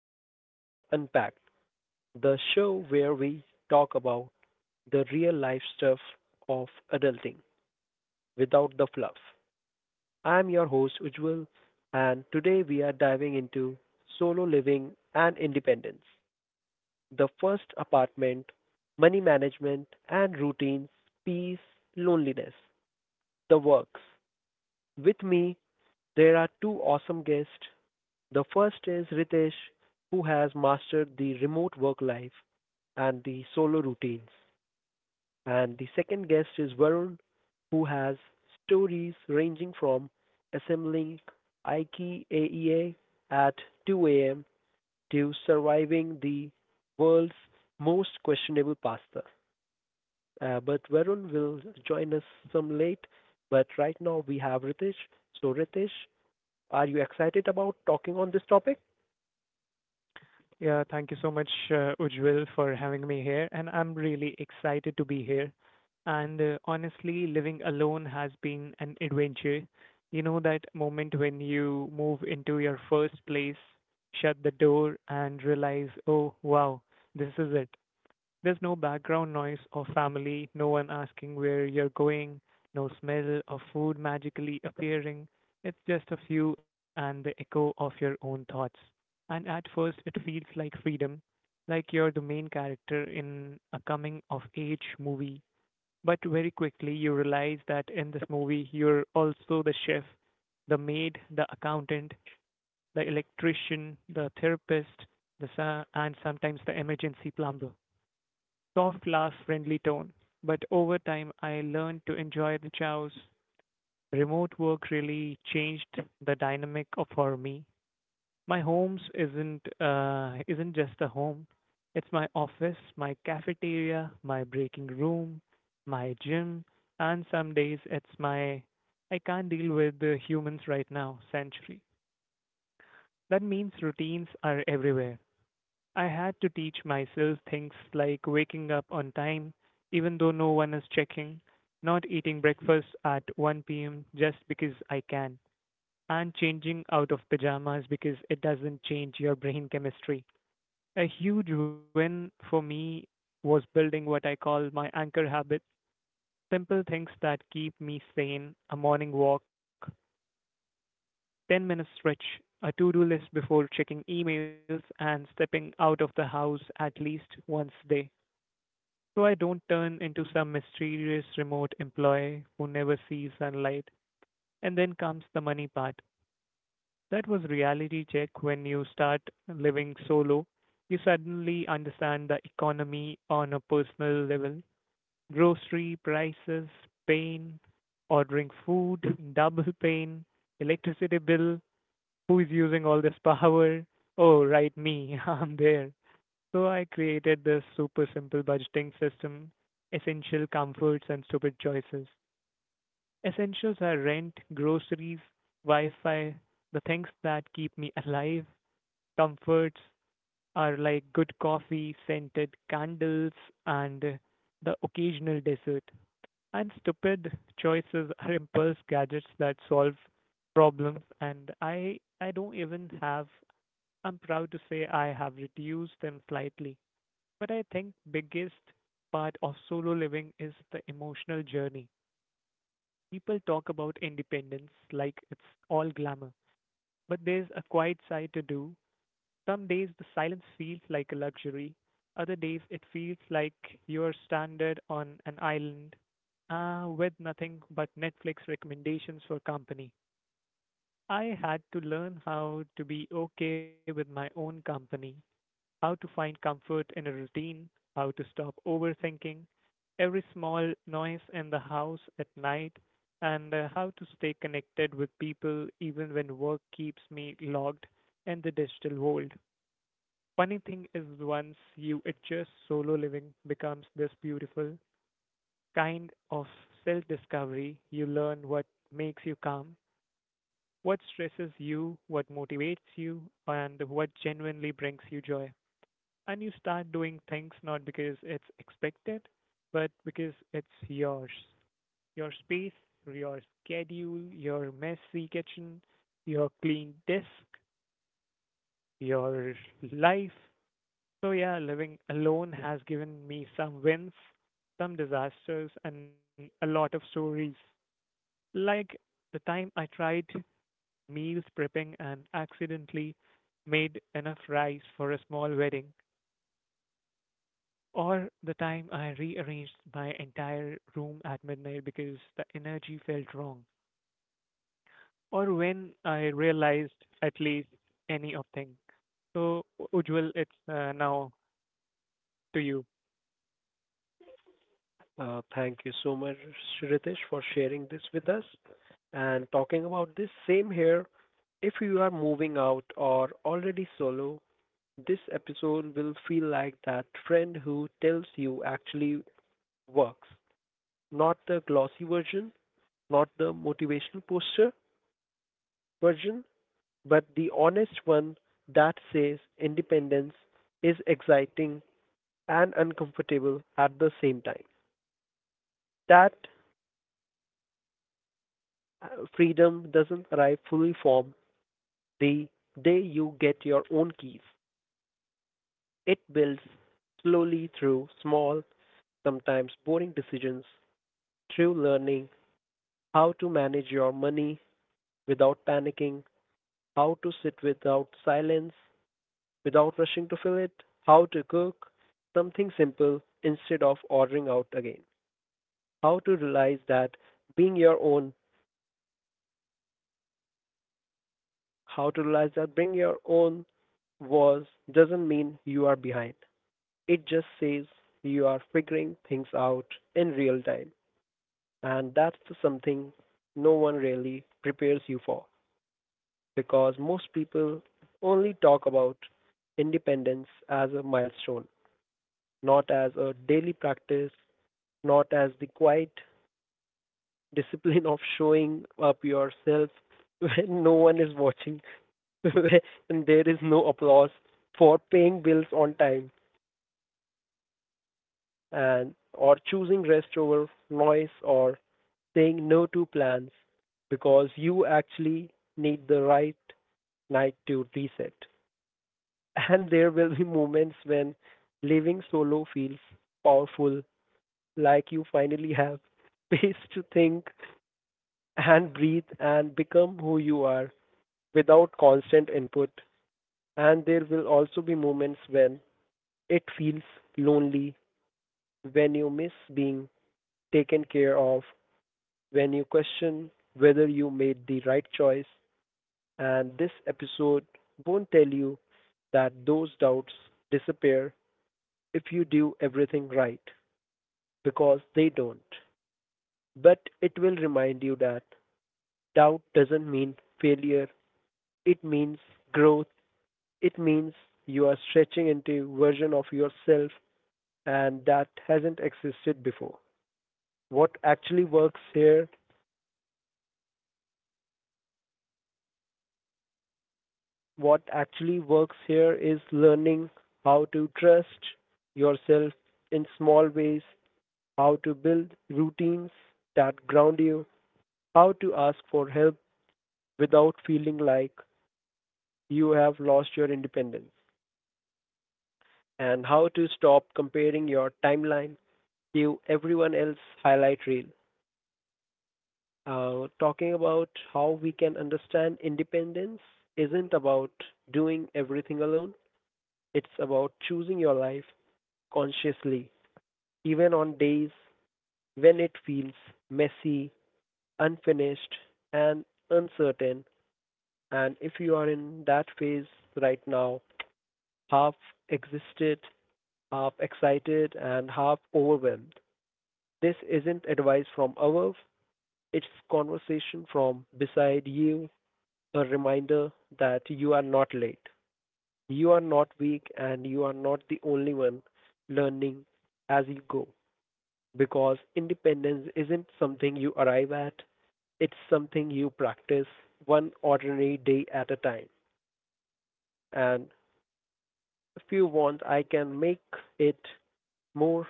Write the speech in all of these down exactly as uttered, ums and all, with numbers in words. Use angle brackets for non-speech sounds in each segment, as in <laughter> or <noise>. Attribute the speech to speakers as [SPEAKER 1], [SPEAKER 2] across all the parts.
[SPEAKER 1] Modern Life Unpacked, the show where we talk about the real life stuff of adulting without the fluff. I'm your host Ujjwal, and today we are diving into solo living and independence, the first apartment, money management and routines, peace, loneliness, the works. With me, there are two awesome guests. The first is Ritesh, who has mastered the remote work life and the solo routines. And the second guest is Varun, who has stories ranging from assembling IKEA at two a m to surviving the world's most questionable pasta. Uh, but Varun will join us some late. But right now we have Ritesh. So, Ritesh, are you excited about talking on this topic?
[SPEAKER 2] Yeah, thank you so much, uh, Ujjwal, for having me here. And I'm really excited to be here. And uh, honestly, living alone has been an adventure. You know, that moment when you move into your first place, shut the door, and realize, oh, wow, this is it. There's no background noise or family, no one asking where you're going, no smell of food magically appearing. It's just of you and the echo of your own thoughts. And at first, it feels like freedom, like you're the main character in a coming of age movie. But very quickly, you realize that in this movie, you're also the chef, the maid, the accountant, the electrician, the therapist, the sa- and sometimes the emergency plumber soft glass friendly tone, but over time I learned to enjoy the chows. Remote work really changed the dynamic of for me. My homes isn't uh, isn't just a home. It's my office, my cafeteria, my breaking room, my gym, and some days it's my I can't deal with the humans right now sanctuary. That means routines are everywhere. I had to teach myself things like waking up on time, even though no one is checking, not eating breakfast at one p m just because I can, and changing out of pajamas because it doesn't change your brain chemistry. A huge win for me was building what I call my anchor habit simple things that keep me sane, a morning walk, ten minute stretch, a to do list before checking emails, and stepping out of the house at least once so I don't turn into some mysterious remote employee who never sees sunlight. And then comes the money part. That was reality check when you start living solo. You suddenly understand the economy on a personal level. Grocery prices, pain, ordering food, double pain, electricity bill, who is using all this power? Oh, right, me, <laughs> I'm there. So I created this super simple budgeting system essential comforts and stupid choices. Essentials are rent, groceries, Wi Fi, the things that keep me alive. Comforts are like good coffee, scented candles, and uh, the occasional dessert. And stupid choices are impulse gadgets that solve problems. And I, I don't even have, I'm proud to say I have reduced them slightly. But I think biggest part of solo living is the emotional journey. People talk about independence like it's all glamour, but there's a quiet side to do. Some days the silence feels like a luxury. Other days it feels like you're stranded on an island uh, with nothing but Netflix recommendations for company. I had to learn how to be okay with my own company, how to find comfort in a routine, how to stop overthinking every small noise in the house at night, and uh, how to stay connected with people even when work keeps me logged in the digital world. Funny thing is, once you adjust, solo living becomes this beautiful kind of self discovery. You learn what makes you calm, what stresses you, what motivates you, and what genuinely brings you joy and you start doing things not because it's expected, but because it's yours. Your space, your schedule, your messy kitchen, your clean desk, your life. So, yeah, living alone has given me some wins, some disasters, and a lot of stories. Like the time I tried meals prepping and accidentally made enough rice for a small wedding, or the time I rearranged my entire room at midnight because the energy felt wrong, or when I realized at least any of things. So, Ujjwal, it's uh, now to you.
[SPEAKER 1] Uh, thank you so much, Ritesh, for sharing this with us and talking about this. Same here. If you are moving out or already solo, this episode will feel like that friend who tells you actually works. Not the glossy version, not the motivational poster version, but the honest one that says independence is exciting and uncomfortable at the same time. That Uh, Freedom doesn't arrive fully formed the day you get your own keys. It builds slowly through small, sometimes boring decisions, through learning how to manage your money without panicking, how to sit without silence, without rushing to fill it, how to cook something simple instead of ordering out again, how to realize that being your own, how to realize that being your own was doesn't mean you are behind. It just says you are figuring things out in real time. And that's something no one really prepares you for because most people only talk about independence as a milestone, not as a daily practice, not as the quiet <laughs> discipline of showing up yourself when no one is watching <laughs> and there is no applause for paying bills on time and or choosing rest over noise or saying no to plans because you actually need the right night to reset. <laughs> And there will be moments when living solo feels powerful, like you finally have <laughs> space to think and breathe and become who you are without constant input. And there will also be moments when it feels lonely, when you miss being taken care of, when you question whether you made the right choice, and this episode won't tell you that those doubts disappear if you do everything right, because they don't. But it will remind you that doubt doesn't mean failure, it means growth, it means you are stretching into a version of yourself and that hasn't existed before. What actually works here, what actually works here is learning how to trust yourself in small ways, how to build routines that ground you, how to ask for help without feeling like you have lost your independence, and how to stop comparing your timeline to everyone else's highlight reel. Uh, talking about how we can understand, independence isn't about doing everything alone, it's about choosing your life consciously, even on days when it feels messy, unfinished, and uncertain. And if you are in that phase right now, half existed, half excited, and half overwhelmed, this isn't advice from above. It's conversation from beside you, a reminder that you are not late. You are not weak, and you are not the only one learning as you go. Because independence isn't something you arrive at, it's something you practice one ordinary day at a time. And if you want, I can make it more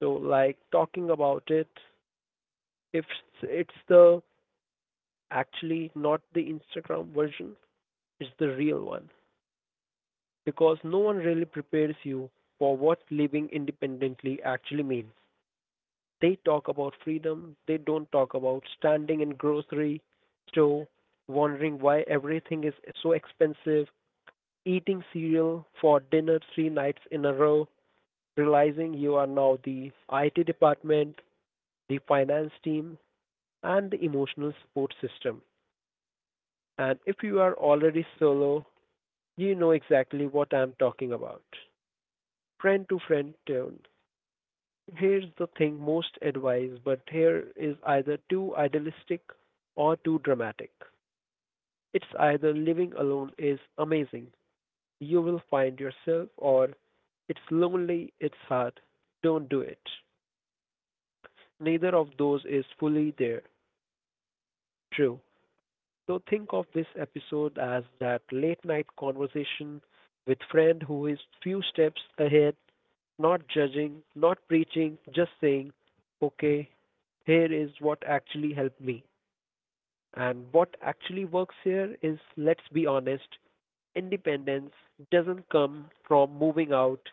[SPEAKER 1] so like talking about it. If it's the actually not the Instagram version, it's the real one because no one really prepares you for what living independently actually means. They talk about freedom, they don't talk about standing in grocery store wondering why everything is so expensive, eating cereal for dinner three nights in a row, realizing you are now the I T department, the finance team, and the emotional support system. And if you are already solo, you know exactly what I'm talking about. Friend to friend tone. Here's the thing, most advise, but here is either too idealistic or too dramatic. It's either living alone is amazing, you will find yourself, or it's lonely, it's hard, don't do it. Neither of those is fully there. True. So think of this episode as that late night conversation with friend who is few steps ahead, not judging, not preaching, just saying, okay, here is what actually helped me. And what actually works here is, let's be honest, independence doesn't come from moving out,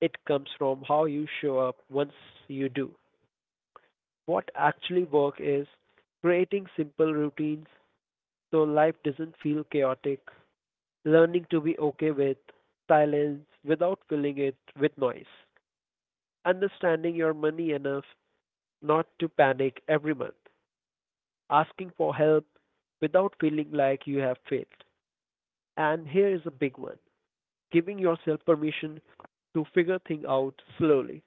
[SPEAKER 1] it comes from how you show up once you do. What actually works is creating simple routines so life doesn't feel chaotic, learning to be okay with silence without filling it with noise, understanding your money enough not to panic every month, asking for help without feeling like you have failed. And here is a big one, giving yourself permission to figure things out slowly.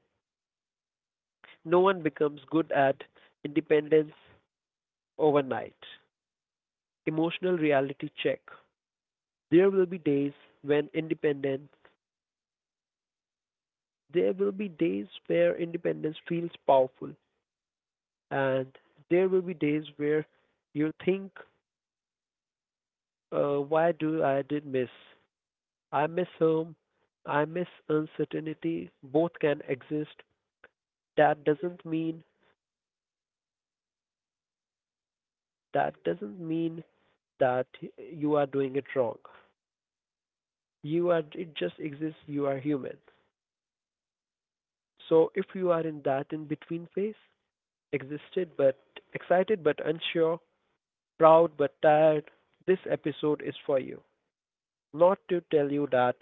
[SPEAKER 1] No one becomes good at independence overnight. Emotional reality check. There will be days when independence, there will be days where independence feels powerful, and there will be days where you think, uh, why do I did miss? I miss home. I miss uncertainty. Both can exist. That doesn't mean that doesn't mean that you are doing it wrong. You are, it just exists. You are human. So if you are in that in between phase, existed but excited but unsure, proud but tired, this episode is for you. Not to tell you that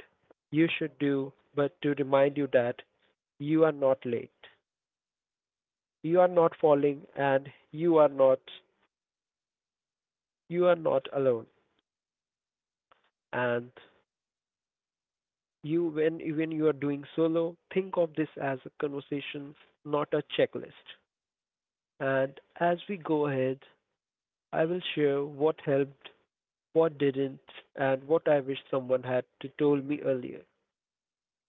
[SPEAKER 1] you should do, but to remind you that you are not late, you are not falling, and you are not you are not alone. And you, when when you are doing solo, think of this as a conversation, not a checklist. And as we go ahead, I will share what helped, what didn't, and what I wish someone had to told me earlier.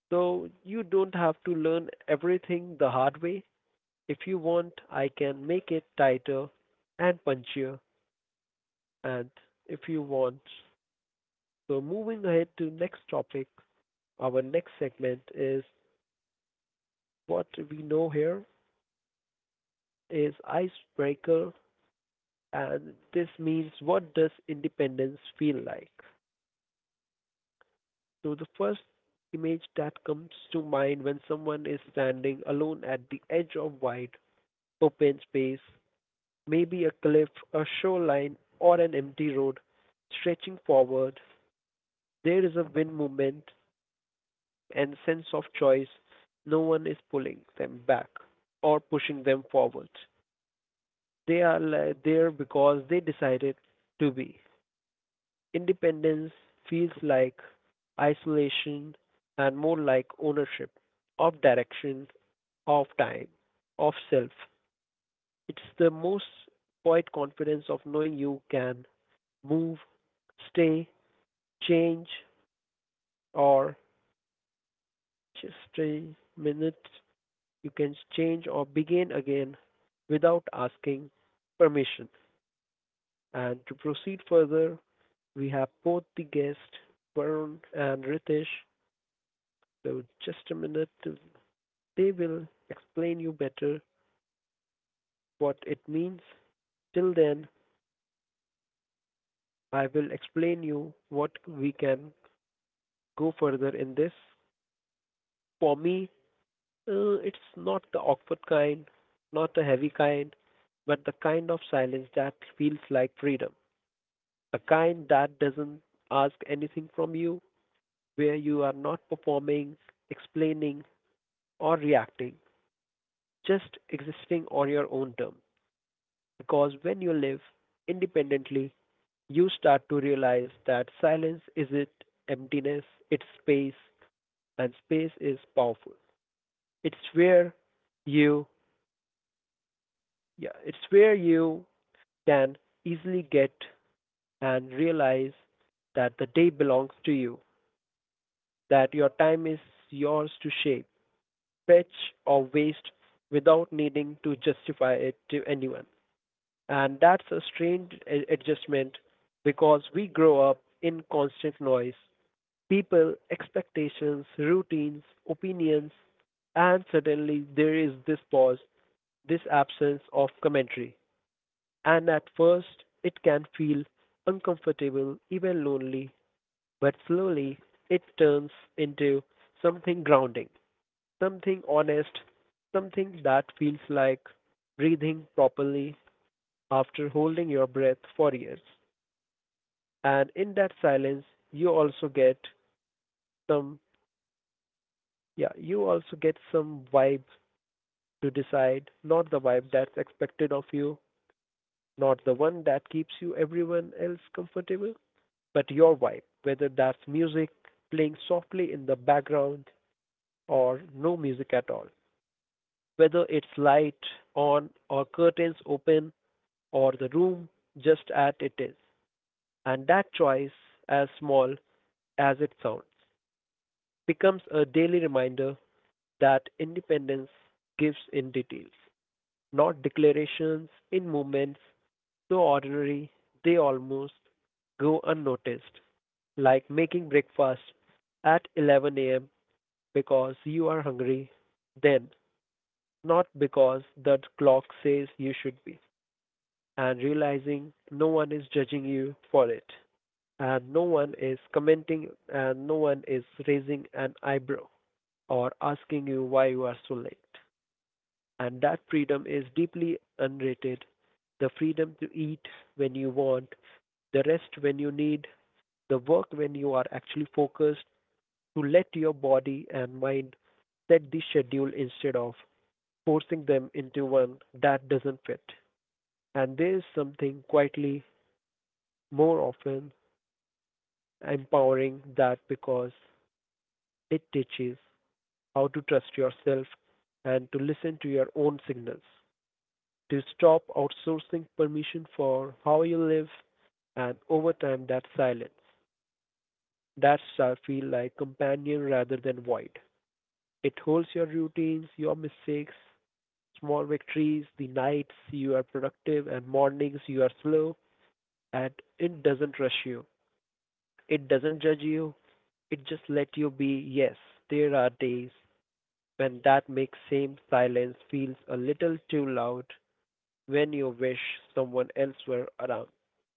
[SPEAKER 1] So you don't have to learn everything the hard way. If you want I can make it tighter and punchier and, if you want. So moving ahead to next topic, our next segment is what we know here is icebreaker, and this means what does independence feel like? So the first image that comes to mind when someone is standing alone at the edge of wide open space, maybe a cliff, a shoreline or an empty road stretching forward. There is a win movement and sense of choice. No one is pulling them back or pushing them forward. They are li- there because they decided to be. Independence feels like isolation and more like ownership of direction, of time, of self. It's the most quiet confidence of knowing you can move, stay, change, or just a minute, you can change or begin again without asking permission. And to proceed further, we have both the guests, Varun and Ritesh. So just a minute, they will explain you better what it means. Till then, I will explain you what we can go further in this. For me, uh, it's not the awkward kind, not the heavy kind, but the kind of silence that feels like freedom. The kind that doesn't ask anything from you, where you are not performing, explaining, or reacting, just existing on your own terms. Because when you live independently, you start to realize that silence isn't emptiness, it's space, and space is powerful. It's where you, yeah, it's where you can easily get and realize that the day belongs to you, that your time is yours to shape, pitch or waste without needing to justify it to anyone. And that's a strange a- adjustment because we grow up in constant noise. People, expectations, routines, opinions, and suddenly there is this pause, this absence of commentary. And at first, it can feel uncomfortable, even lonely, but slowly it turns into something grounding, something honest, something that feels like breathing properly after holding your breath for years. And in that silence, you also get some, yeah, you also get some vibe to decide, not the vibe that's expected of you, not the one that keeps you everyone else comfortable, but your vibe, whether that's music playing softly in the background or no music at all, whether it's light on or curtains open or the room just as it is, and that choice, as small as it sounds, becomes a daily reminder that independence gives in details, not declarations in moments, so ordinary they almost go unnoticed, like making breakfast at eleven a m because you are hungry then, not because the clock says you should be, and realizing no one is judging you for it, and no one is commenting and no one is raising an eyebrow or asking you why you are so late. And that freedom is deeply underrated. The freedom to eat when you want, the rest when you need, the work when you are actually focused, to let your body and mind set the schedule instead of forcing them into one that doesn't fit. And there is something quietly more often empowering that because it teaches how to trust yourself and to listen to your own signals, to stop outsourcing permission for how you live, and over time that silence, that shall feel like companion rather than void. It holds your routines, your mistakes, small victories, the nights you are productive and mornings you are slow, and it doesn't rush you. It doesn't judge you. It just lets you be. Yes, there are days when that makes same silence feels a little too loud, when you wish someone else were around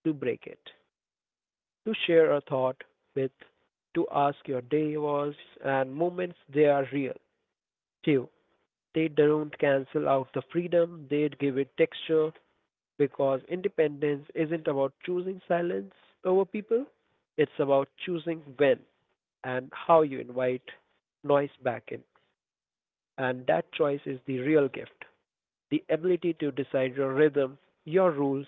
[SPEAKER 1] to break it, to share a thought with, to ask your day was, and moments they are real too. They don't cancel out the freedom, they give it texture because independence isn't about choosing silence over people, it's about choosing when and how you invite noise back in. And that choice is the real gift. The ability to decide your rhythm, your rules,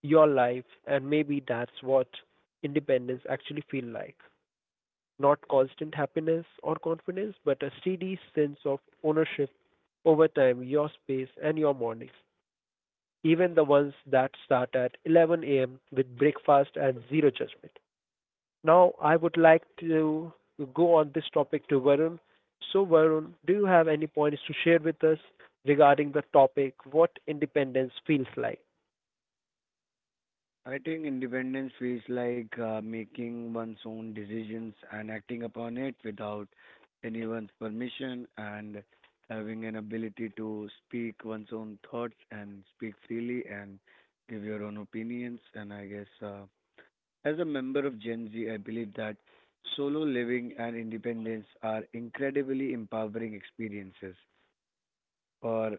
[SPEAKER 1] your life, and maybe that's what independence actually feel like. Not constant happiness or confidence, but a steady sense of ownership over time, your space and your mornings, even the ones that start at eleven a m with breakfast and zero judgment. Now, I would like to go on this topic to Varun. So, Varun, do you have any points to share with us regarding the topic, what independence feels like?
[SPEAKER 3] I think independence feels like uh, making one's own decisions and acting upon it without anyone's permission and having an ability to speak one's own thoughts and speak freely and give your own opinions. And I guess uh, as a member of Gen Z, I believe that solo living and independence are incredibly empowering experiences for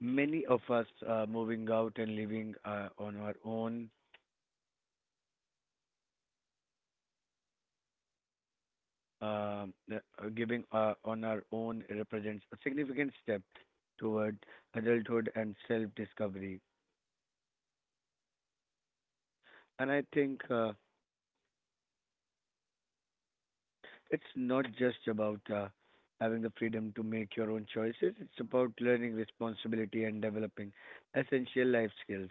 [SPEAKER 3] many of us uh, moving out and living uh, on our own, um, the- uh, giving uh, on our own represents a significant step toward adulthood and self-discovery. And I think uh, it's not just about uh, having the freedom to make your own choices. It's about learning responsibility and developing essential life skills.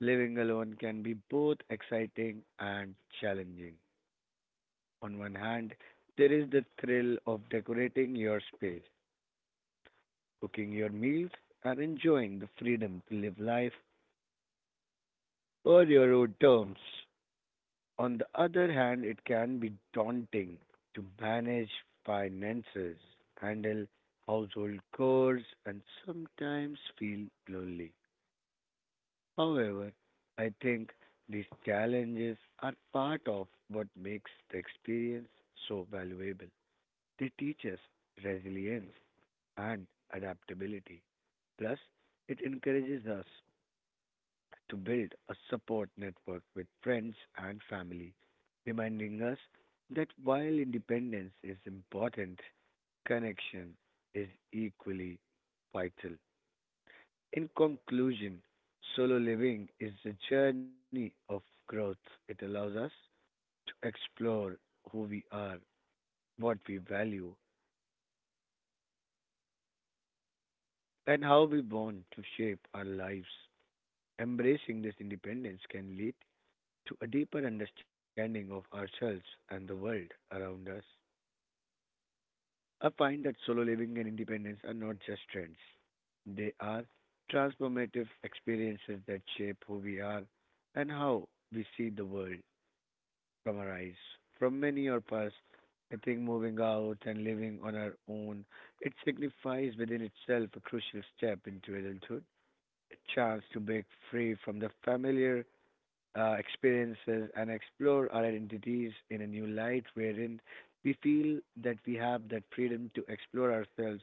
[SPEAKER 3] Living alone can be both exciting and challenging. On one hand, there is the thrill of decorating your space, cooking your meals, and enjoying the freedom to live life on your own terms. On the other hand, it can be daunting to manage finances, handle household chores, and sometimes feel lonely. However, I think these challenges are part of what makes the experience so valuable. They teach us resilience and adaptability. Plus, it encourages us to build a support network with friends and family, reminding us that while independence is important, connection is equally vital. In conclusion, solo living is a journey of growth. It allows us to explore who we are, what we value, and how we want to shape our lives. Embracing this independence can lead to a deeper understanding of ourselves and the world around us. I find that solo living and independence are not just trends, they are transformative experiences that shape who we are and how we see the world from our eyes. From many of us, I think moving out and living on our own, it signifies within itself a crucial step into adulthood, a chance to break free from the familiar uh, experiences and explore our identities in a new light, wherein we feel that we have that freedom to explore ourselves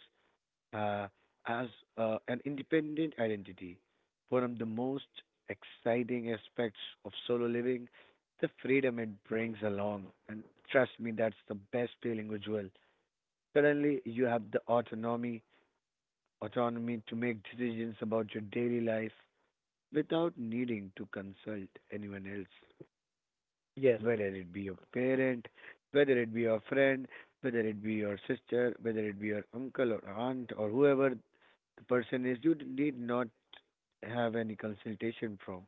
[SPEAKER 3] uh, as uh, an independent identity. One of the most exciting aspects of solo living, the freedom it brings along. And trust me, that's the best feeling ritual. Suddenly, you have the autonomy, autonomy to make decisions about your daily life without needing to consult anyone else,
[SPEAKER 1] Yes,
[SPEAKER 3] whether it be your parent, whether it be your friend, whether it be your sister, whether it be your uncle or aunt or whoever the person is. You d- need not have any consultation from.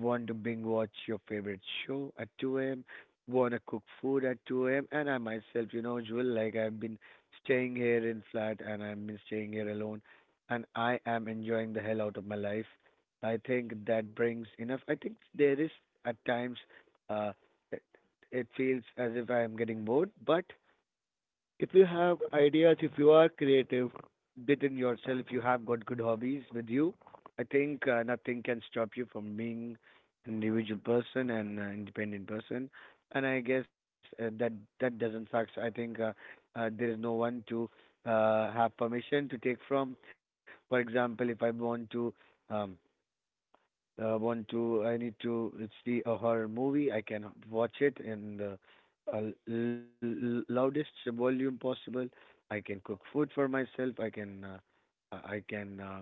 [SPEAKER 3] Want to binge watch your favorite show at two a m, want to cook food at two a m. And I myself, you know, Jewel, like I've been staying here in flat and I've been staying here alone, and I am enjoying the hell out of my life. I think that brings enough. I think there is, at times, uh, it, it feels as if I am getting bored, but if you have ideas, if you are creative within yourself, you have got good hobbies with you, I think uh, nothing can stop you from being an individual person and uh, independent person. And I guess uh, that that doesn't suck. I think uh, uh, there is no one to uh, have permission to take from. For example, if I want to um, uh, want to I need to see a horror movie. I can watch it in the uh, l- l- loudest volume possible. I can cook food for myself. I can uh, I I can uh,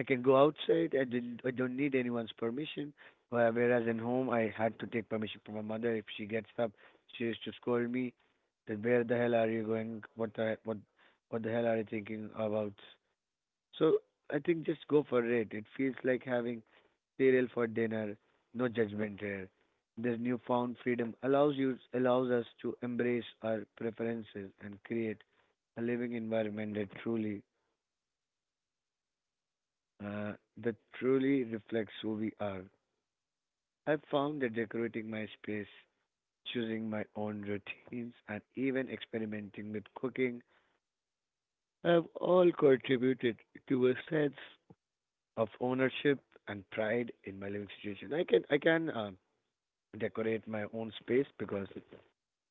[SPEAKER 3] I can go outside. I didn't I don't need anyone's permission. Where- Whereas in home I had to take permission from my mother. If she gets up, she used to scold me. That where the hell are you going? What the what what the hell are you thinking about? So I think just go for it. It feels like having cereal for dinner, no judgment here. This newfound freedom allows you allows us to embrace our preferences and create a living environment that truly uh, that truly reflects who we are. I've found that decorating my space, choosing my own routines, and even experimenting with cooking have all contributed to a sense of ownership and pride in my living situation. I can I can uh, decorate my own space because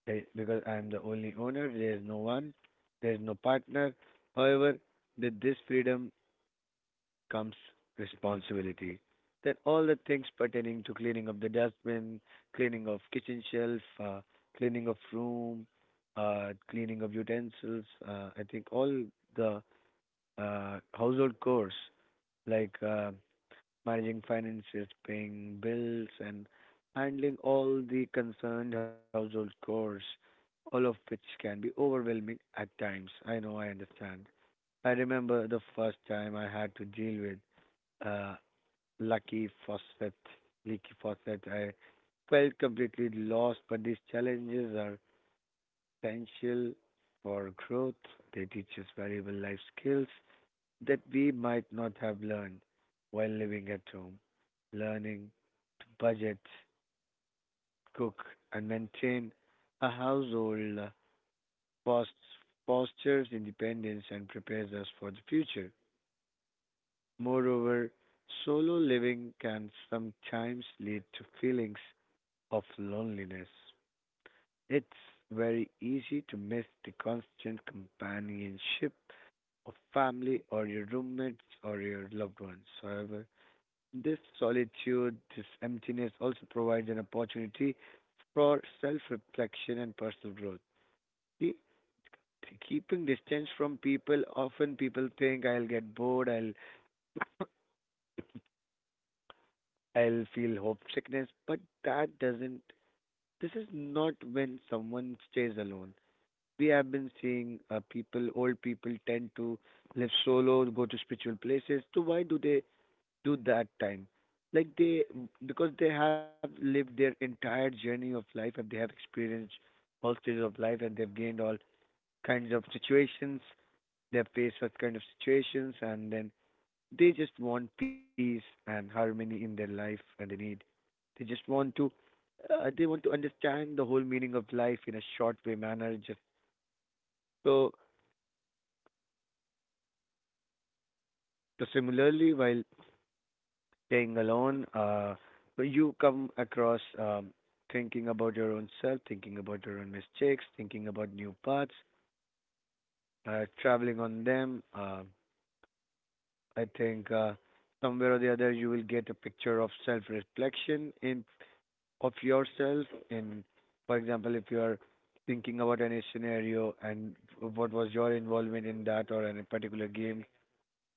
[SPEAKER 3] They, because I am the only owner, there is no one, there is no partner. However, with this freedom comes responsibility. That all the things pertaining to cleaning of the dustbin, cleaning of kitchen shelf, uh, cleaning of room, uh, cleaning of utensils, uh, I think all the uh, household chores like uh, managing finances, paying bills, and handling all the concerned household chores, all of which can be overwhelming at times. I know, I understand. I remember the first time I had to deal with uh, lucky faucet, leaky faucet. I felt completely lost, but these challenges are essential for growth. They teach us valuable life skills that we might not have learned while living at home. Learning budget, cook, and maintain a household pos- fosters independence and prepares us for the future. Moreover, solo living can sometimes lead to feelings of loneliness. It's very easy to miss the constant companionship of family or your roommates or your loved ones. However, this solitude, this emptiness also provides an opportunity for self reflection and personal growth. See, t- keeping distance from people, often people think I'll get bored, I'll I'll feel hope sickness, but that doesn't this is not when someone stays alone. We have been seeing uh, people, old people tend to live solo, go to spiritual places. So why do they to that time like they, because they have lived their entire journey of life and they have experienced all stages of life and they've gained all kinds of situations, they've faced such kind of situations, and then they just want peace and harmony in their life, and they need, they just want to uh, they want to understand the whole meaning of life in a short way manner just so. So similarly while staying alone, uh, but you come across um, thinking about your own self, thinking about your own mistakes, thinking about new paths, uh, traveling on them. Uh, I think uh, somewhere or the other you will get a picture of self-reflection in of yourself. In, for example, if you are thinking about any scenario and what was your involvement in that or any particular game,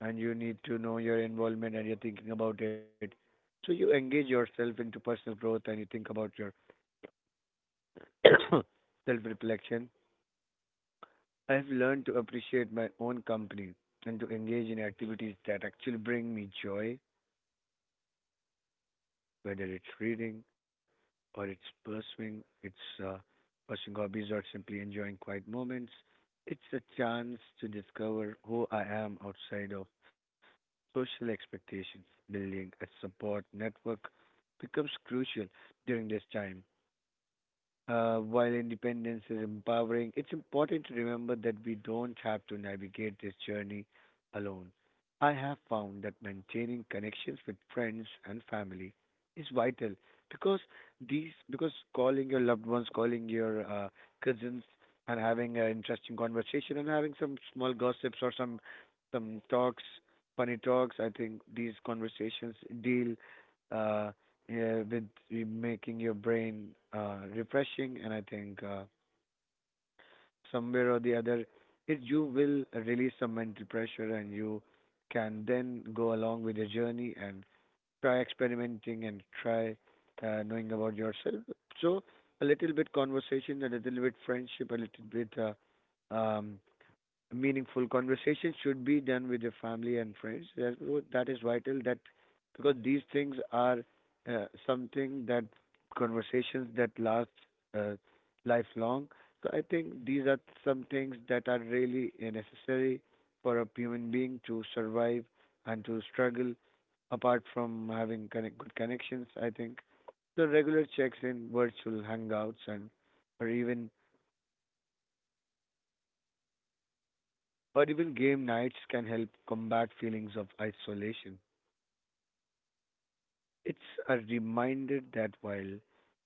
[SPEAKER 3] and you need to know your involvement and you're thinking about it. So you engage yourself into personal growth and you think about your <coughs> self reflection. I've learned to appreciate my own company and to engage in activities that actually bring me joy, whether it's reading or it's pursuing it's uh, pursuing hobbies or simply enjoying quiet moments. It's a chance to discover who I am outside of social expectations. Building a support network becomes crucial during this time. Uh, while independence is empowering, it's important to remember that we don't have to navigate this journey alone. I have found that maintaining connections with friends and family is vital, because these because calling your loved ones, calling your uh, cousins, and having an interesting conversation and having some small gossips or some some talks, funny talks. I think these conversations deal. Uh, yeah, with re- making your brain uh, refreshing, and I think uh, somewhere or the other, it you will release some mental pressure, and you can then go along with your journey and try experimenting and try uh, knowing about yourself. So a little bit conversation, a little bit friendship, a little bit uh, um, meaningful conversation should be done with your family and friends. That wo- that is vital. That, because these things are uh, something that conversations that last uh, lifelong. So I think these are some things that are really uh, necessary for a human being to survive and to struggle. Apart from having connect- good connections, I think the regular checks in, virtual hangouts, and or even, or even game nights can help combat feelings of isolation. It's a reminder that while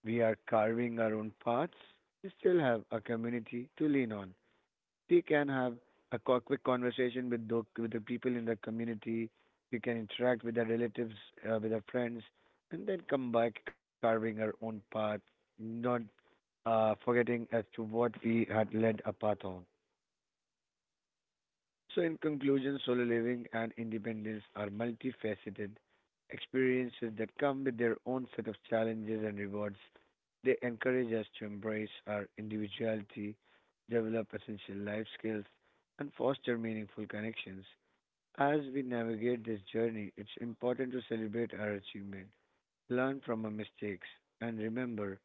[SPEAKER 3] we are carving our own paths, we still have a community to lean on. We can have a co- quick conversation with the, with the people in the community. We can interact with our relatives, uh, with our friends, and then come back carving our own path, not uh, forgetting as to what we had led a path on. So, in conclusion, solo living and independence are multifaceted experiences that come with their own set of challenges and rewards. They encourage us to embrace our individuality, develop essential life skills, and foster meaningful connections. As we navigate this journey, it's important to celebrate our achievement, learn from our mistakes, and remember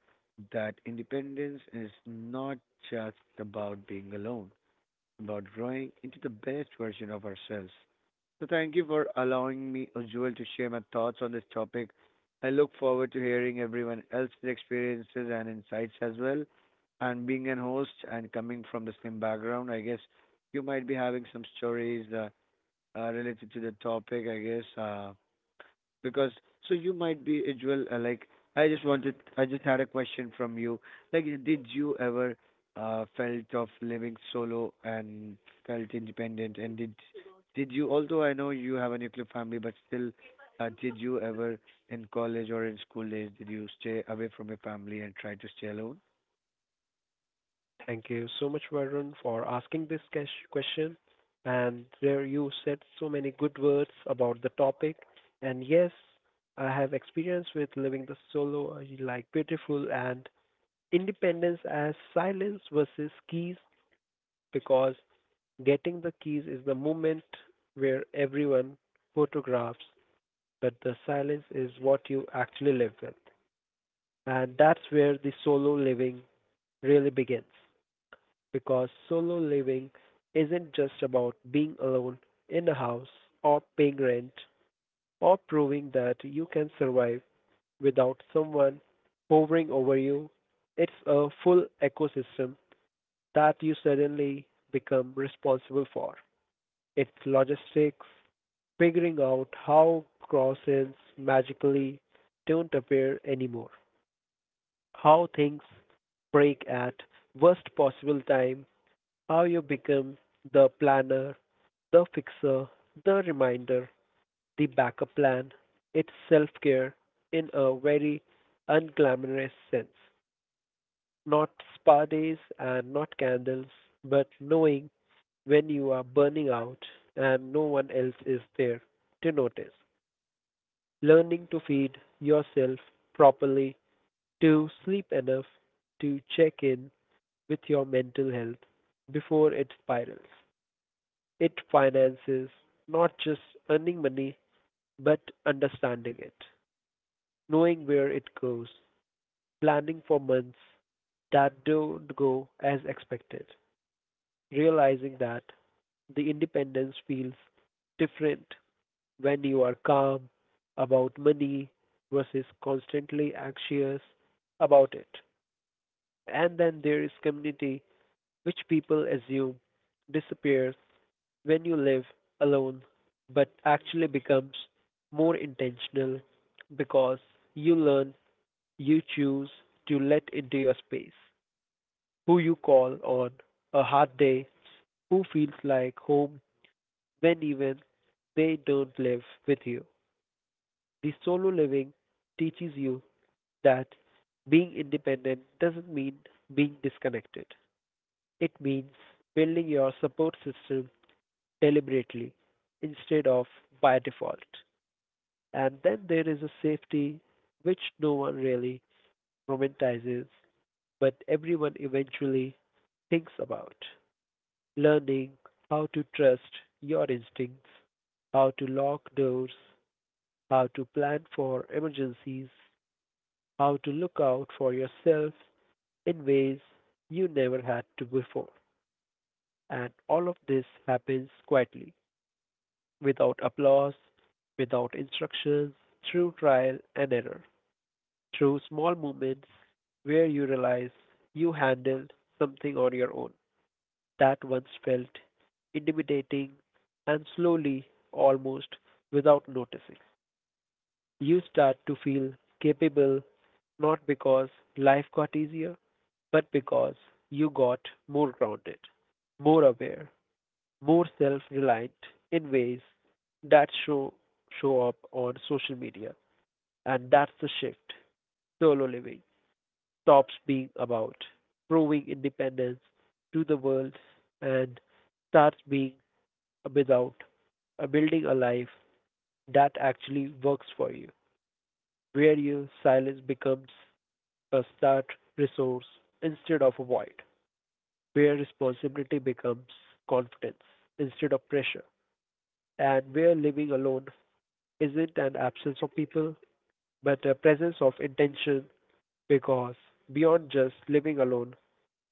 [SPEAKER 3] that independence is not just about being alone, about growing into the best version of ourselves. So, thank you for allowing me, Ujjwal, to share my thoughts on this topic. I look forward to hearing everyone else's experiences and insights as well. And being an host and coming from the same background, I guess you might be having some stories uh, uh, related to the topic, I guess. Uh, because so you might be as well uh, like I just wanted I just had a question from you. Like did you ever uh felt of living solo and felt independent, and did did you, although I know you have a nuclear family but still, uh, did you ever in college or in school days did you stay away from your family and try to stay alone?
[SPEAKER 1] thank you so much, Varun, for asking this ques- question. And there you said so many good words about the topic. And yes, I have experience with living the solo, like beautiful and independence as silence versus keys because getting the keys is the moment where everyone photographs, but the silence is what you actually live with. And that's where the solo living really begins. Because solo living isn't just about being alone in a house or paying rent or proving that you can survive without someone hovering over you. It's a full ecosystem that you suddenly become responsible for. Its logistics, figuring out how crossings magically don't appear anymore, how things break at worst possible time, how you become the planner, the fixer, the reminder, the backup plan. It's self-care in a very unglamorous sense. Not spa days and not candles, but knowing when you are burning out and no one else is there to notice. Learning to feed yourself properly, to sleep enough, to check in with your mental health before it spirals. It finances not just earning money, but understanding it, knowing where it goes, planning for months that don't go as expected, realizing that the independence feels different when you are calm about money versus constantly anxious about it. And then there is community, which people assume disappears when you live alone, but actually becomes more intentional because you learn, you choose to let into your space who you call on a hard day, who feels like home when even they don't live with you. The solo living teaches you that being independent doesn't mean being disconnected. It means building your support system deliberately instead of by default. And then there is a safety which no one really romanticizes, but everyone eventually thinks about. Learning how to trust your instincts, how to lock doors, how to plan for emergencies, how to look out for yourself in ways you never had to before. And all of this happens quietly, without applause, without instructions, through trial and error, through small moments where you realize you handled something on your own that once felt intimidating, and slowly, almost without noticing, you start to feel capable not because life got easier, but because you got more grounded, more aware, more self-reliant in ways that show show up on social media. And that's the shift. Solo living stops being about proving independence to the world and starts being about uh, building a life that actually works for you, where your silence becomes a start resource instead of a void. Where responsibility becomes confidence instead of pressure, and where living alone isn't an absence of people, but a presence of intention. Because beyond just living alone,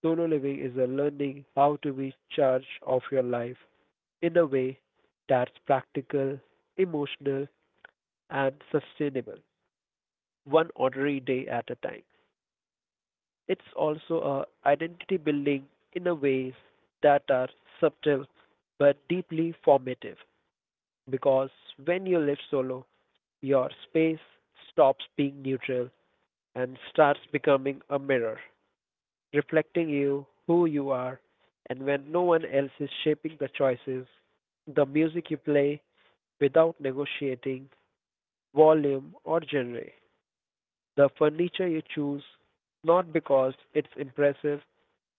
[SPEAKER 1] solo living is a learning how to be charge of your life in a way that's practical, emotional, and sustainable, one ordinary day at a time. It's also a identity building in a ways that are subtle but deeply formative because when you live solo, your space stops being neutral and starts becoming a mirror, reflecting you, who you are, and when no one else is shaping the choices, the music you play without negotiating volume or genre, the furniture you choose not because it's impressive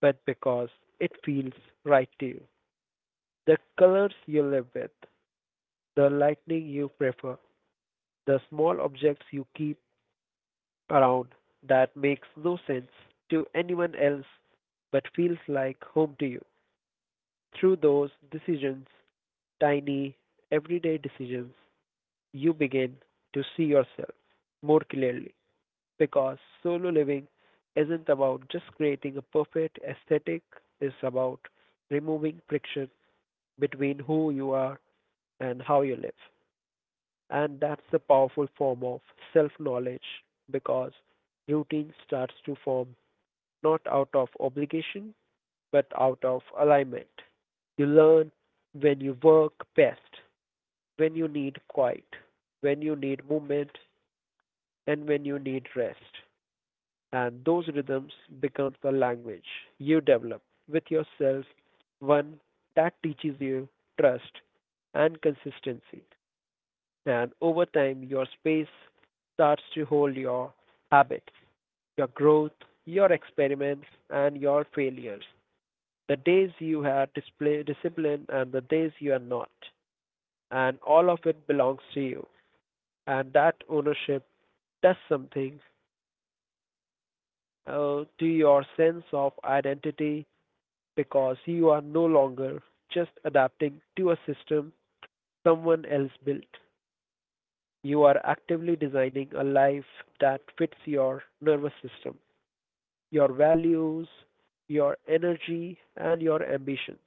[SPEAKER 1] but because it feels right to you. The colors you live with, the lighting you prefer, the small objects you keep around that makes no sense to anyone else but feels like home to you. Through those decisions, tiny, everyday decisions, you begin to see yourself more clearly because solo living isn't about just creating a perfect aesthetic, it's about removing friction between who you are and how you live. And that's the powerful form of self knowledge because routine starts to form not out of obligation but out of alignment. You learn when you work best, when you need quiet, when you need movement, and when you need rest. And those rhythms become the language you develop with yourself, one that teaches you trust and consistency. And over time, your space starts to hold your habits, your growth, your experiments, and your failures. The days you had display discipline and the days you are not. And all of it belongs to you. And that ownership does something uh, to your sense of identity because you are no longer just adapting to a system someone else built. You are actively designing a life that fits your nervous system, your values, your energy, and your ambitions.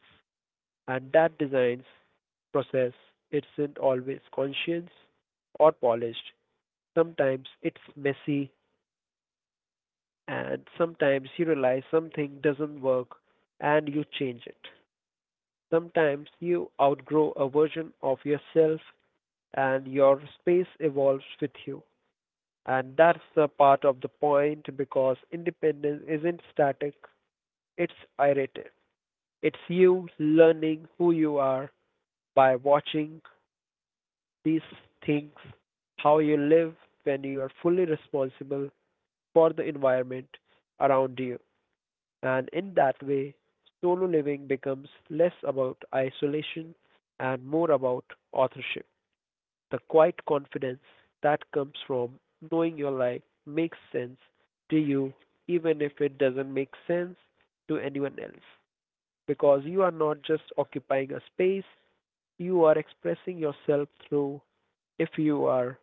[SPEAKER 1] And that design process isn't always conscious or polished. Sometimes it's messy, and sometimes you realize something doesn't work and you change it. Sometimes you outgrow a version of yourself and your space evolves with you. And that's the part of the point because independence isn't static, it's iterative. It's you learning who you are by watching these things, how you live when you are fully responsible for the environment around you. And in that way, solo living becomes less about isolation and more about authorship. The quiet confidence that comes from knowing your life makes sense to you, even if it doesn't make sense to anyone else. Because you are not just occupying a space, you are expressing yourself through. If you are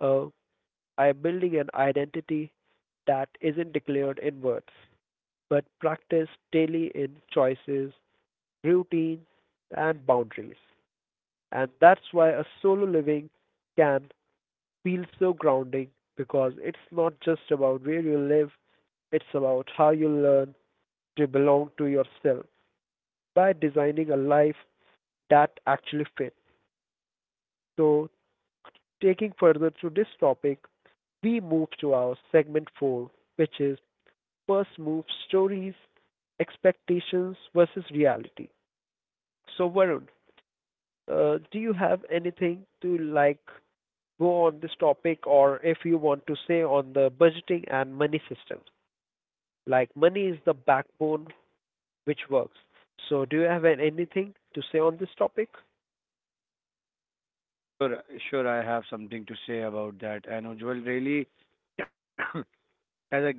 [SPEAKER 1] uh, I am building an identity that isn't declared in words, but practiced daily in choices, routines, and boundaries. And that's why a solo living can feels so grounding because it's not just about where you live, it's about how you learn to belong to yourself by designing a life that actually fits. So, taking further through this topic, we move to our segment four, which is first move stories, expectations versus reality. So, Varun, uh, do you have anything to like go on this topic or if you want to say on the budgeting and money systems? Like money is the backbone which works. So do you have an- anything to say on this topic?
[SPEAKER 3] Sure, sure I have something to say about that. I know Ujjwal really <coughs> as a guest,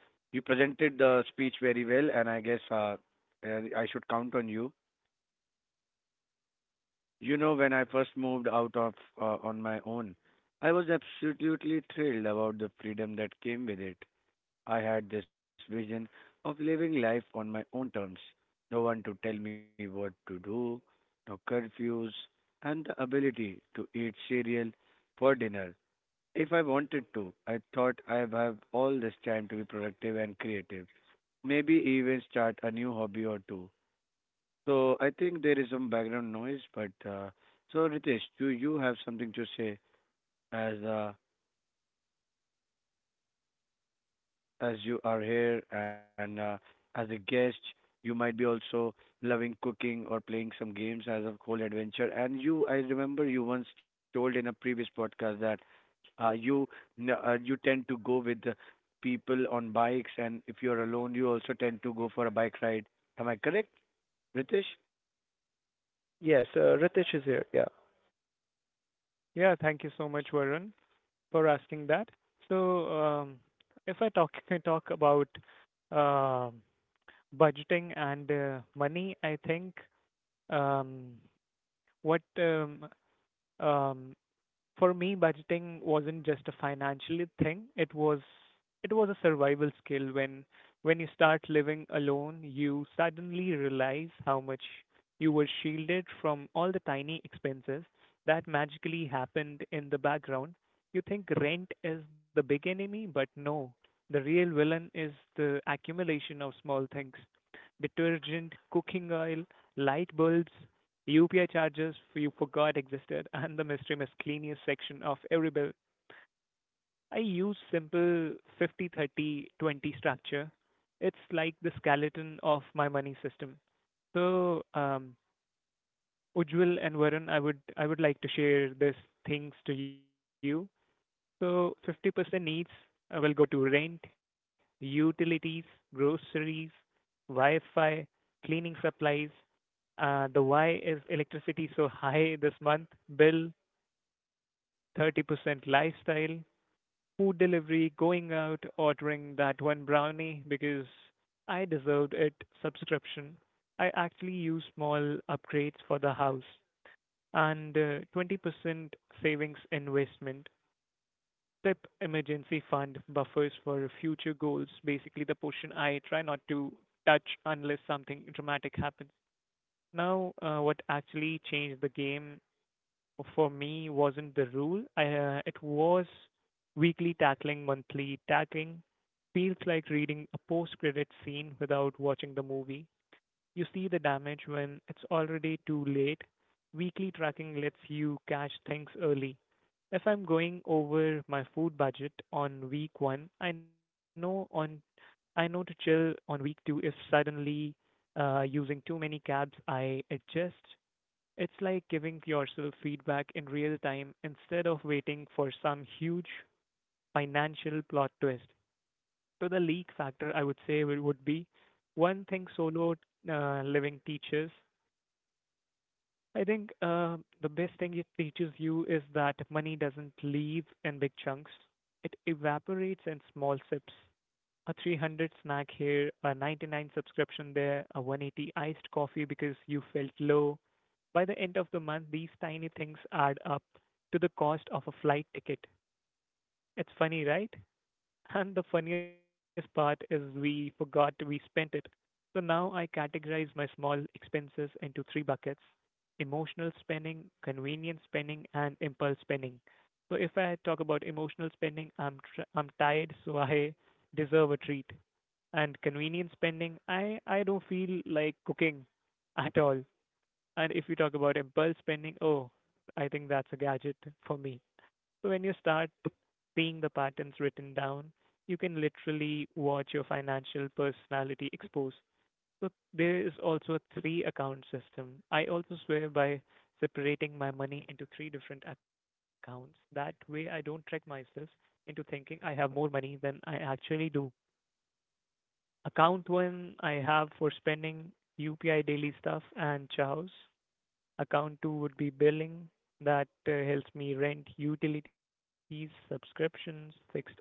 [SPEAKER 3] you presented the speech very well, and I guess uh, uh, I should count on you. You know, when I first moved out of uh, on my own, I was absolutely thrilled about the freedom that came with it. I had this vision of living life on my own terms, no one to tell me what to do, no curfews, and the ability to eat cereal for dinner if I wanted to. I thought I have all this time to be productive and creative. Maybe even start a new hobby or two. So I think there is some background noise, but uh, so Ritesh, do you have something to say as uh, as you are here and uh, as a guest, you might be also loving cooking or playing some games as a whole adventure. And you, I remember you once told in a previous podcast that uh, you n- uh, you tend to go with the people on bikes, and if you're alone, you also tend to go for a bike ride. Am I correct, Ritesh?
[SPEAKER 1] Yes, uh, Ritesh is here. Yeah.
[SPEAKER 2] Yeah, thank you so much, Varun, for asking that. So, um, if I talk <laughs> I talk about um budgeting and uh, money. I think, um, what um, um, for me, budgeting wasn't just a financial thing. It was, it was a survival skill. When when you start living alone, you suddenly realize how much you were shielded from all the tiny expenses that magically happened in the background. You think rent is the big enemy, but no. The real villain is the accumulation of small things. Detergent, cooking oil, light bulbs, U P I charges you forgot existed the mystery miscellaneous section of every bill. I use simple fifty thirty twenty structure. It's like the skeleton of my money system. So, um, Ujjwal and Varun, I would I would like to share these things to you. So, fifty percent needs uh, will go to rent, utilities, groceries, Wi-Fi, cleaning supplies, uh, the why is electricity so high this month? Bill, thirty percent lifestyle, food delivery, going out, ordering that one brownie because I deserved it subscription. I actually use small upgrades for the house and uh, twenty percent savings investment. Tip emergency fund buffers for future goals. Basically, the portion I try touch unless something dramatic happens. Now, uh, what actually changed the game for me wasn't the rule. I, uh, it was weekly tackling, monthly tackling. Feels like reading a post-credit scene without watching the movie. You see the damage when it's already too late. Weekly tracking lets you catch things early. If I'm going over my food budget on week one, I know on I know to chill on week two if suddenly uh, using too many carbs, I adjust. It's like giving yourself feedback in real time instead of waiting for some huge financial plot twist. So the leak factor, I would say, will- would be one thing solo uh, living teaches. I think uh, the best thing it teaches you is that money doesn't leave in big chunks. It evaporates in small sips. A three hundred snack here, a ninety-nine subscription there, a one hundred eighty iced coffee because you felt low. By the end of the month, these tiny things add up to the cost of a flight ticket. It's funny, right? And the funniest part is we forgot we spent it. So now I categorize my small expenses into three buckets: emotional spending, convenience spending, and impulse spending. So if I talk about emotional spending, I'm tr- I'm tired, so I deserve a treat. And convenience spending, I I don't feel like cooking at all. And if you talk about impulse spending, oh, I think that's a gadget for me. So when you start seeing the patterns written down, you can literally watch your financial personality expose. So there is also a three account system. I also swear by separating my money into three different accounts. That way I don't trick myself into thinking I have more money than I actually do. Account one I have for spending U P I daily stuff and chows. Account two would be billing that uh, helps me rent, utilities, subscriptions, fixed costs,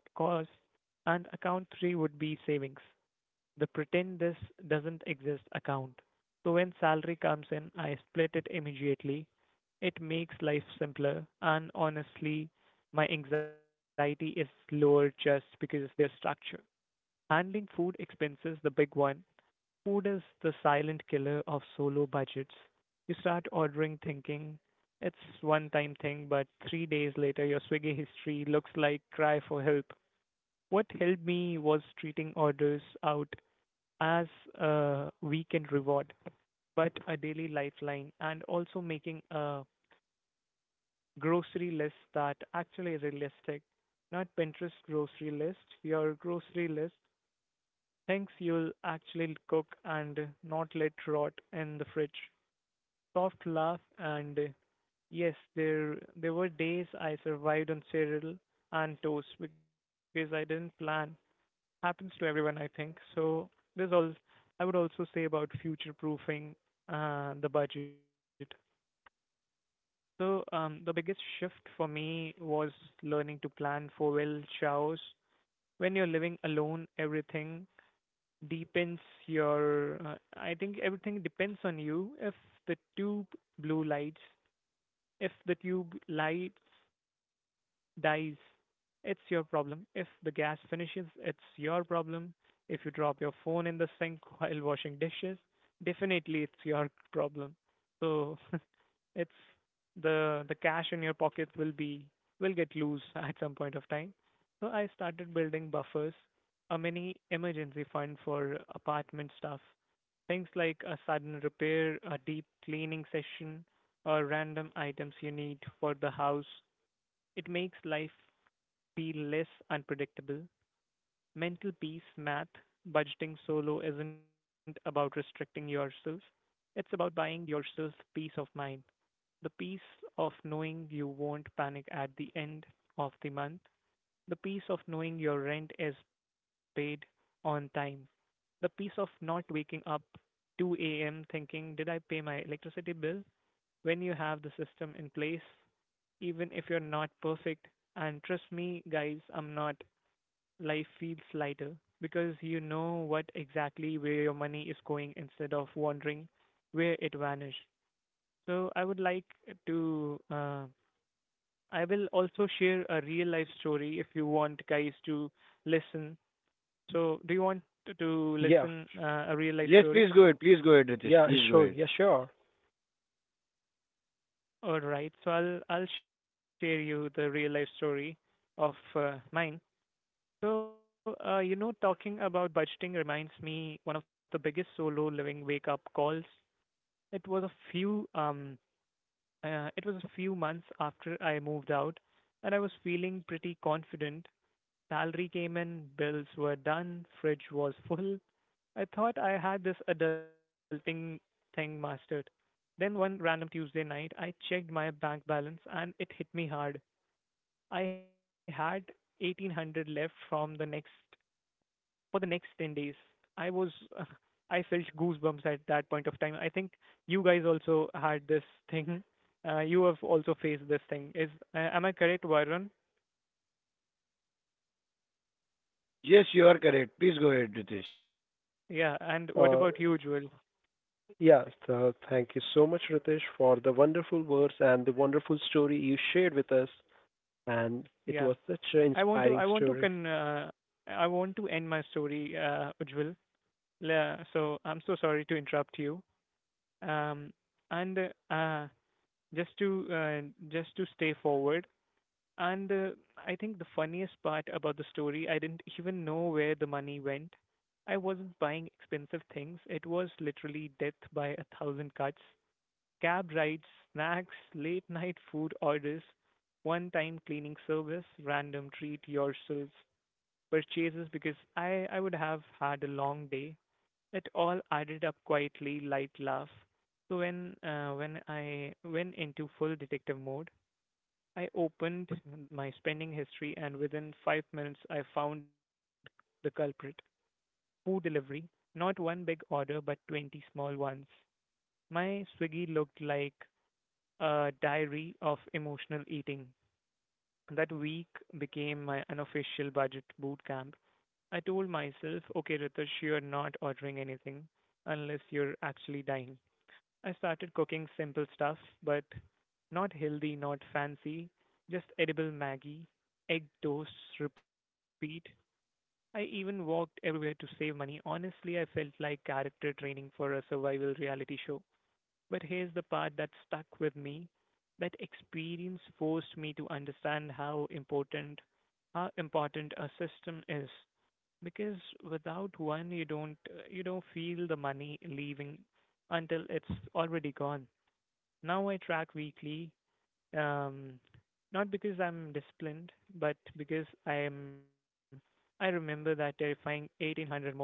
[SPEAKER 2] and account three would be savings the pretend this doesn't exist account. So when salary comes in, I split it immediately. It makes life simpler, and honestly, my anxiety is lower just because of their structure. Food expenses, the big one. Food is the silent killer of solo budgets. You start ordering thinking it's one time thing, but three days later your Swiggy history looks like cry for help. What helped me was treating orders out as a weekend reward, but a daily lifeline, and also making a grocery list that actually is realistic, not Pinterest grocery list, your grocery list, things you'll actually cook and not let rot in the fridge. Soft laugh and uh, yes, there there were days I survived on cereal and toast because I didn't plan happens to everyone, I think. So there's all I would also say about future proofing uh, the budget. So um, the biggest shift for me was learning to plan for well chows. When you're living alone, everything depends your. Uh, I think everything depends on you. If the two blue lights if the tube lights dies, it's your problem. If the gas finishes, it's your problem. If you drop your phone in the sink <laughs> while washing dishes, definitely it's your problem. So <laughs> it's the the cash in your pocket will be will get loose <laughs> at some point of time. So I started building buffers, a mini emergency fund for apartment stuff, things like a sudden repair, a deep cleaning session, or random items you need for the house. It makes life feel less unpredictable. Mental peace, math, budgeting solo isn't about restricting yourself. It's about buying yourself peace of mind the peace of knowing you won't panic at the end of the month, the peace of knowing your rent is paid on time, the peace of not waking up two a m thinking, did I pay my electricity bill? When you have the system in place, even if you're not perfect, and trust me, guys, I'm not, life feels lighter because you know what exactly where your money is going instead of wondering where it vanished. So I would like to uh, I will also share a real life story if you want guys to listen. So, do you want to to
[SPEAKER 1] Yeah.
[SPEAKER 2] listen uh, a real life
[SPEAKER 3] Yes,
[SPEAKER 2] story?
[SPEAKER 3] please go ahead. Please go ahead, Ritesh.
[SPEAKER 1] Yeah,
[SPEAKER 3] Please go
[SPEAKER 1] sure.
[SPEAKER 3] ahead.
[SPEAKER 1] Yeah, sure.
[SPEAKER 2] All right. So I'll I'll share you the real life story of uh, mine. So, uh, you know, talking about budgeting reminds me one of the biggest solo living wake up calls. It was a few um uh, it was a few months after I moved out, and I was feeling pretty confident. Salary came in, bills were done, fridge was full. I thought I had this adulting thing mastered. Then one random Tuesday night, I checked my bank balance and it hit me hard. I had eighteen hundred left from the next for the next ten days. I was Felt goosebumps at that point of time. I think you guys also had this thing. Uh, you have also faced this thing. Is uh, am I correct, Varun?
[SPEAKER 3] Yes, you are correct. Please go ahead, Ritesh.
[SPEAKER 2] Yeah. And what
[SPEAKER 1] Uh,
[SPEAKER 2] about you, Jewel?
[SPEAKER 1] yeah, so thank you so much, Ritesh, for the wonderful words and the wonderful story you shared with us. And it
[SPEAKER 2] Yeah.
[SPEAKER 1] was such an
[SPEAKER 2] I want to
[SPEAKER 1] inspiring
[SPEAKER 2] I want to
[SPEAKER 1] story.
[SPEAKER 2] con uh, I want to end my story, uh, Ujjwal. La- So I'm so sorry to interrupt you. Um, and uh, just to uh, just to stay forward. And uh, I think the funniest part about the story, I didn't even know where the money went. I wasn't buying expensive things. It was literally death by a thousand cuts. Cab rides, snacks, late night food orders, one time cleaning service, random treat yourselves purchases because I, I would have had a long day. It all added up quietly, light laugh. So when uh, when I went into full detective mode, I opened my spending history, and within five minutes I found the culprit. Food delivery, not one big order but twenty small ones. My Swiggy looked like a diary of emotional eating. That week became my unofficial budget boot camp. I told myself, okay, Ritesh, you're not ordering anything unless you're actually dying. I started cooking simple stuff, but not healthy, not fancy, just edible Maggie, egg toast, repeat. I even walked everywhere to save money. Honestly, I felt like character training for a survival reality show. But here's the part that stuck with me. That experience forced me to understand how important how important a system is. Because without one, you don't uh, you don't feel the money leaving until it's already gone. Now I track weekly, um, not because I'm disciplined, but because I am. I remember that terrifying eighteen hundred moment.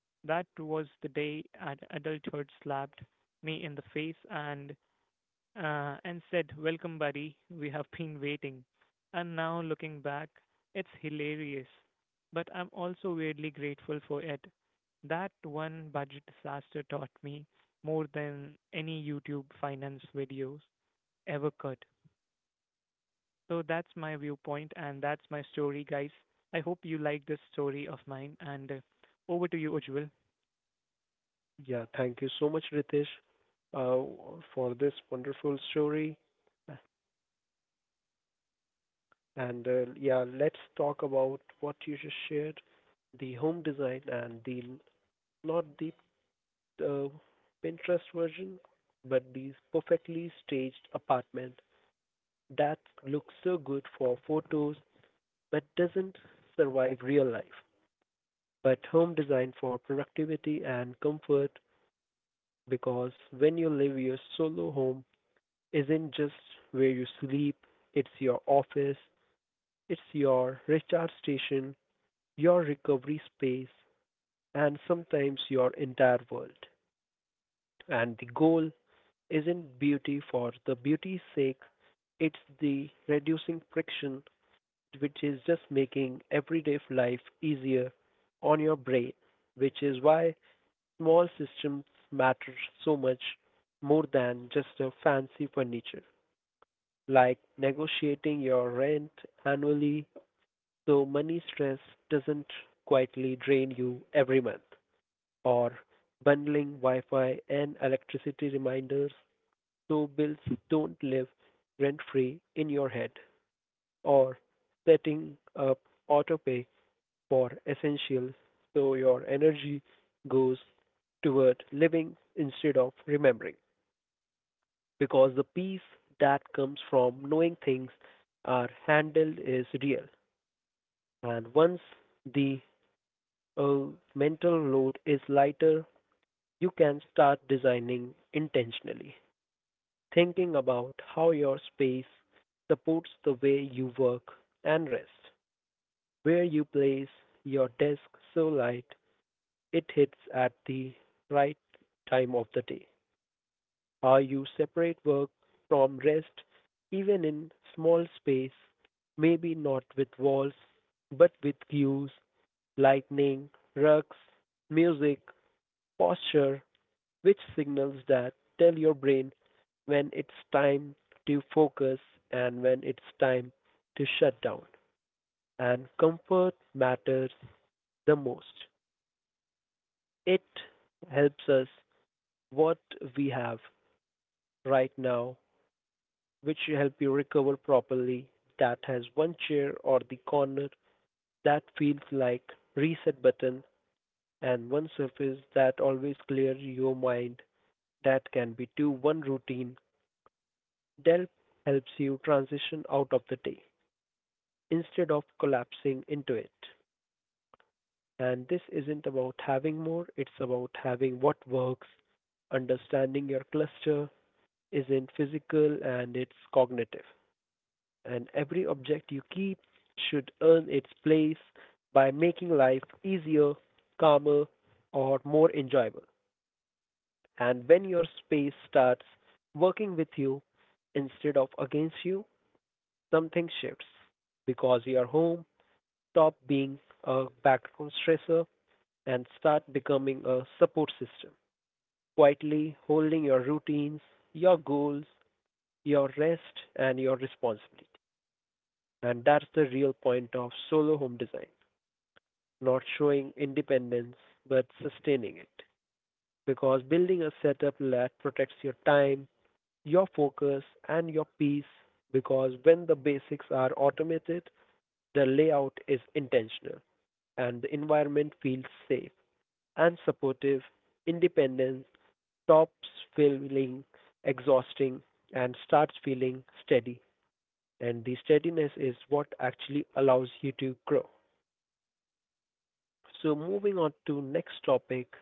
[SPEAKER 2] That was the day ad- adulthood slapped me in the face, and uh, and said, Welcome, buddy. We have been waiting. And now looking back, it's hilarious. But I'm also weirdly grateful for it. That one budget disaster taught me more than any YouTube finance videos ever could. So that's my viewpoint and that's my story, guys. I hope you like this story of mine. And uh, over to you, Ujjwal.
[SPEAKER 1] Yeah, thank you so much, Ritesh, uh, for this wonderful story. And uh, yeah, let's talk about what you just shared, the home design and the not the uh, Pinterest version, but these perfectly staged apartment that looks so good for photos but doesn't survive real life. But home design for productivity and comfort because when you live your solo home isn't just where you sleep, it's your office, it's your recharge station your recovery space, and sometimes your entire world. And the goal isn't beauty for the beauty's sake, it's the reducing friction, which is just making everyday life easier on your brain, which is why small systems matter so much more than just a fancy furniture, like negotiating your rent annually so money stress doesn't quietly drain you every month. Or bundling Wi-Fi and electricity reminders so bills don't live rent-free in your head, or setting up autopay for essentials so your energy goes toward living instead of remembering. Because the peace that comes from knowing things are handled is real. And once the uh, mental load is lighter, you can start designing intentionally. Thinking about how your space supports the way you work and rest, where you place your desk so light it hits at the right time of the day. How you separate work from rest, even in small space, maybe not with walls, but with cues, lightning, rugs, music, posture, which signals that tell your brain when it's time to focus and when it's time to shut down. And comfort matters the most. It helps us what we have right now, which will help you recover properly. That has one chair or the corner that feels like reset button and one surface that always clears your mind that can be to one routine Delp helps you transition out of the day instead of collapsing into it. And this isn't about having more, it's about having what works. Understanding your cluster isn't physical and it's cognitive. And every object you keep should earn its place by making life easier, calmer, or more enjoyable. And when your space starts working with you instead of against you, something shifts because your home stop being a background stressor and start becoming a support system, quietly holding your routines, your goals, your rest, and your responsibility. And that's the real point of solo home design not showing independence but sustaining it. Because building a setup that protects your time, your focus, and your peace. Because when the basics are automated, the layout is intentional. And the environment feels safe and supportive, independence stops feeling exhausting and starts feeling steady. And the steadiness is what actually allows you to grow. So moving on to next topic,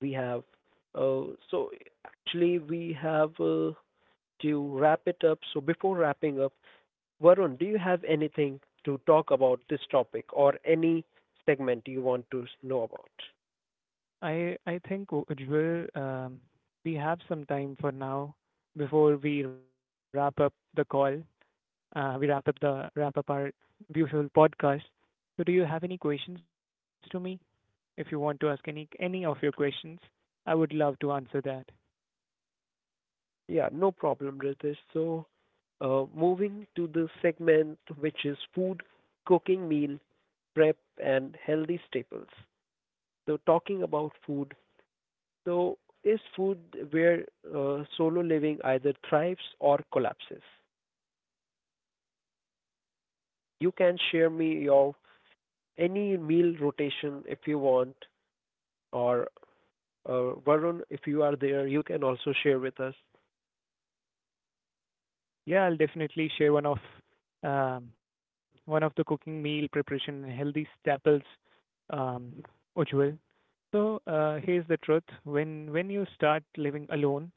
[SPEAKER 1] we have uh, so actually we have uh, to wrap it up. So before wrapping up, Varun, do you have anything to talk about this topic or any segment you want to know about?
[SPEAKER 2] I I think, Ujjwal, um, we have some time for now before we wrap up the call. Uh, we wrap up the wrap up our beautiful podcast. So, do you have any questions to me? If you want to ask any any of your questions, I would love to answer that.
[SPEAKER 1] Yeah, no problem, Ritesh. So, uh, moving to the segment which is food, cooking, meal prep, and healthy staples. So, talking about food, so is food where uh, solo living either thrives or collapses? You can share me your any meal rotation if you want, or uh, Varun, if you are there, you can also share with us.
[SPEAKER 2] Yeah, I'll definitely share one of um, one of the cooking meal preparation and healthy staples, um, Ujjwal. So uh, here's the truth: when when you start living alone,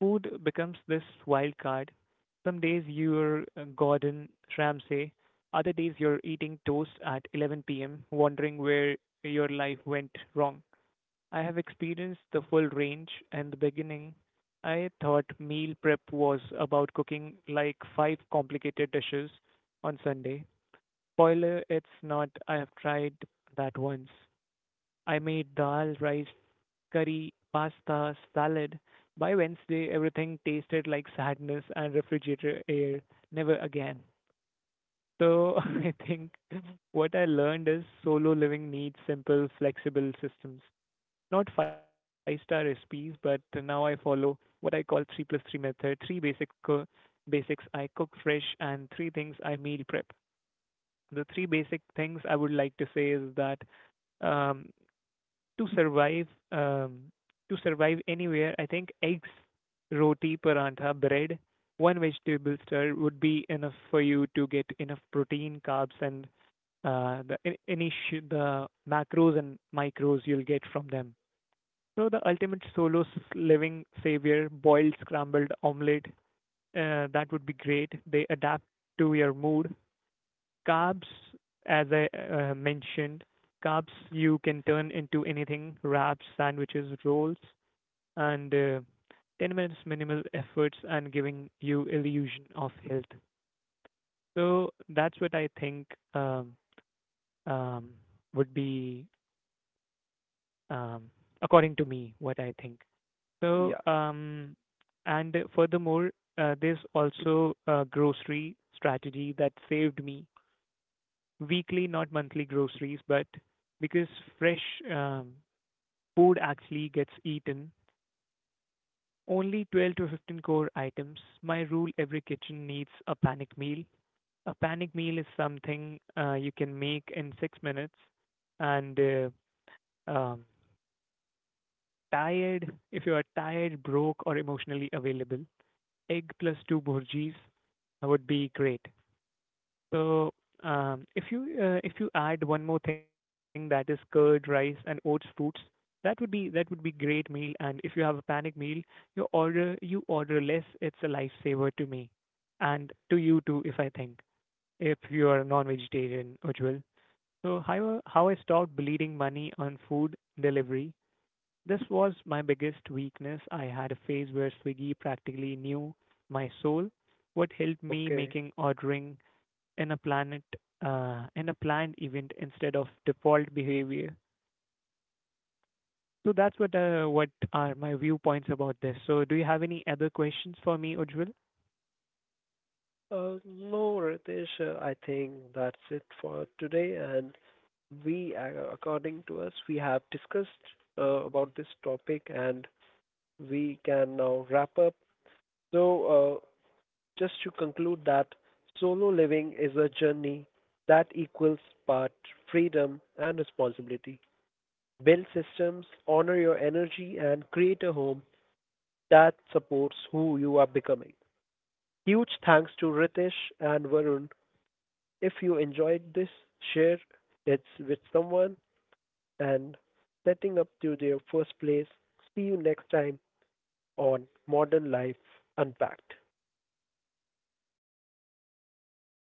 [SPEAKER 2] food becomes this wild card. Some days you're uh, Gordon Ramsay, other days you're at eleven p m, wondering where your life went wrong. I have experienced the full range. In the beginning, I thought meal prep was about cooking like five complicated dishes on Sunday. Spoiler, it's not. I have tried that once. I made dal, rice, curry, pasta, salad. By Wednesday, everything tasted like sadness and refrigerator air. Never again. So <laughs> I think what I learned is solo living needs simple, flexible systems, not five star recipes, but now I follow what I call three plus three method. Three basic co- basics I cook fresh, and three things I meal prep. The three basic things I would like to say is that um, to survive um, to survive anywhere, I think eggs, roti, parantha, bread, one vegetable stir would be enough for you to get enough protein, carbs, and uh, the any sh- the macros and micros you'll get from them. So the ultimate solo s- living savior, boiled scrambled omelette, uh, that would be great. They adapt to your mood. Carbs, as I uh, mentioned, carbs you can turn into anything: wraps, sandwiches, rolls, and uh, ten minutes minimal efforts and giving you illusion of health. So that's what I think um, um, would be, um, according to me, what I think. So,
[SPEAKER 1] Yeah,
[SPEAKER 2] um, and furthermore, uh, there's also a grocery strategy that saved me weekly, not monthly groceries, but because fresh um, food actually gets eaten, only twelve to fifteen core items. My rule: every kitchen needs a panic meal. A panic meal is something uh, you can make in six minutes and uh, um, tired, if you are tired, broke, or emotionally available, egg plus two Bhurjis would be great. So, um, if you uh, if you add one more thing that is curd, rice, and oats fruits, that would be great meal. And if you have a panic meal, you order you order less. It's a lifesaver to me, and to you too, if I think. If you are a non-vegetarian, Ujjwal. So how how I stopped bleeding money on food delivery, this was my biggest weakness. I had a phase where Swiggy practically knew my soul. What helped me
[SPEAKER 1] okay.
[SPEAKER 2] making ordering in a planet uh, in a planned event instead of default behavior. So that's what uh, what are my viewpoints about this. So do you have any other questions for me, Ujjwal?
[SPEAKER 1] Uh, no, Ritesh, uh, I think that's it for today. And we, uh, according to us, we have discussed uh, about this topic and we can now wrap up. So, uh, just to conclude that solo living is a journey that equals part freedom and responsibility. Build systems, honor your energy, and create a home that supports who you are becoming. Huge thanks to Ritesh and Varun. If you enjoyed this, share it with someone and setting up to their first place. See you next time on Modern Life Unpacked.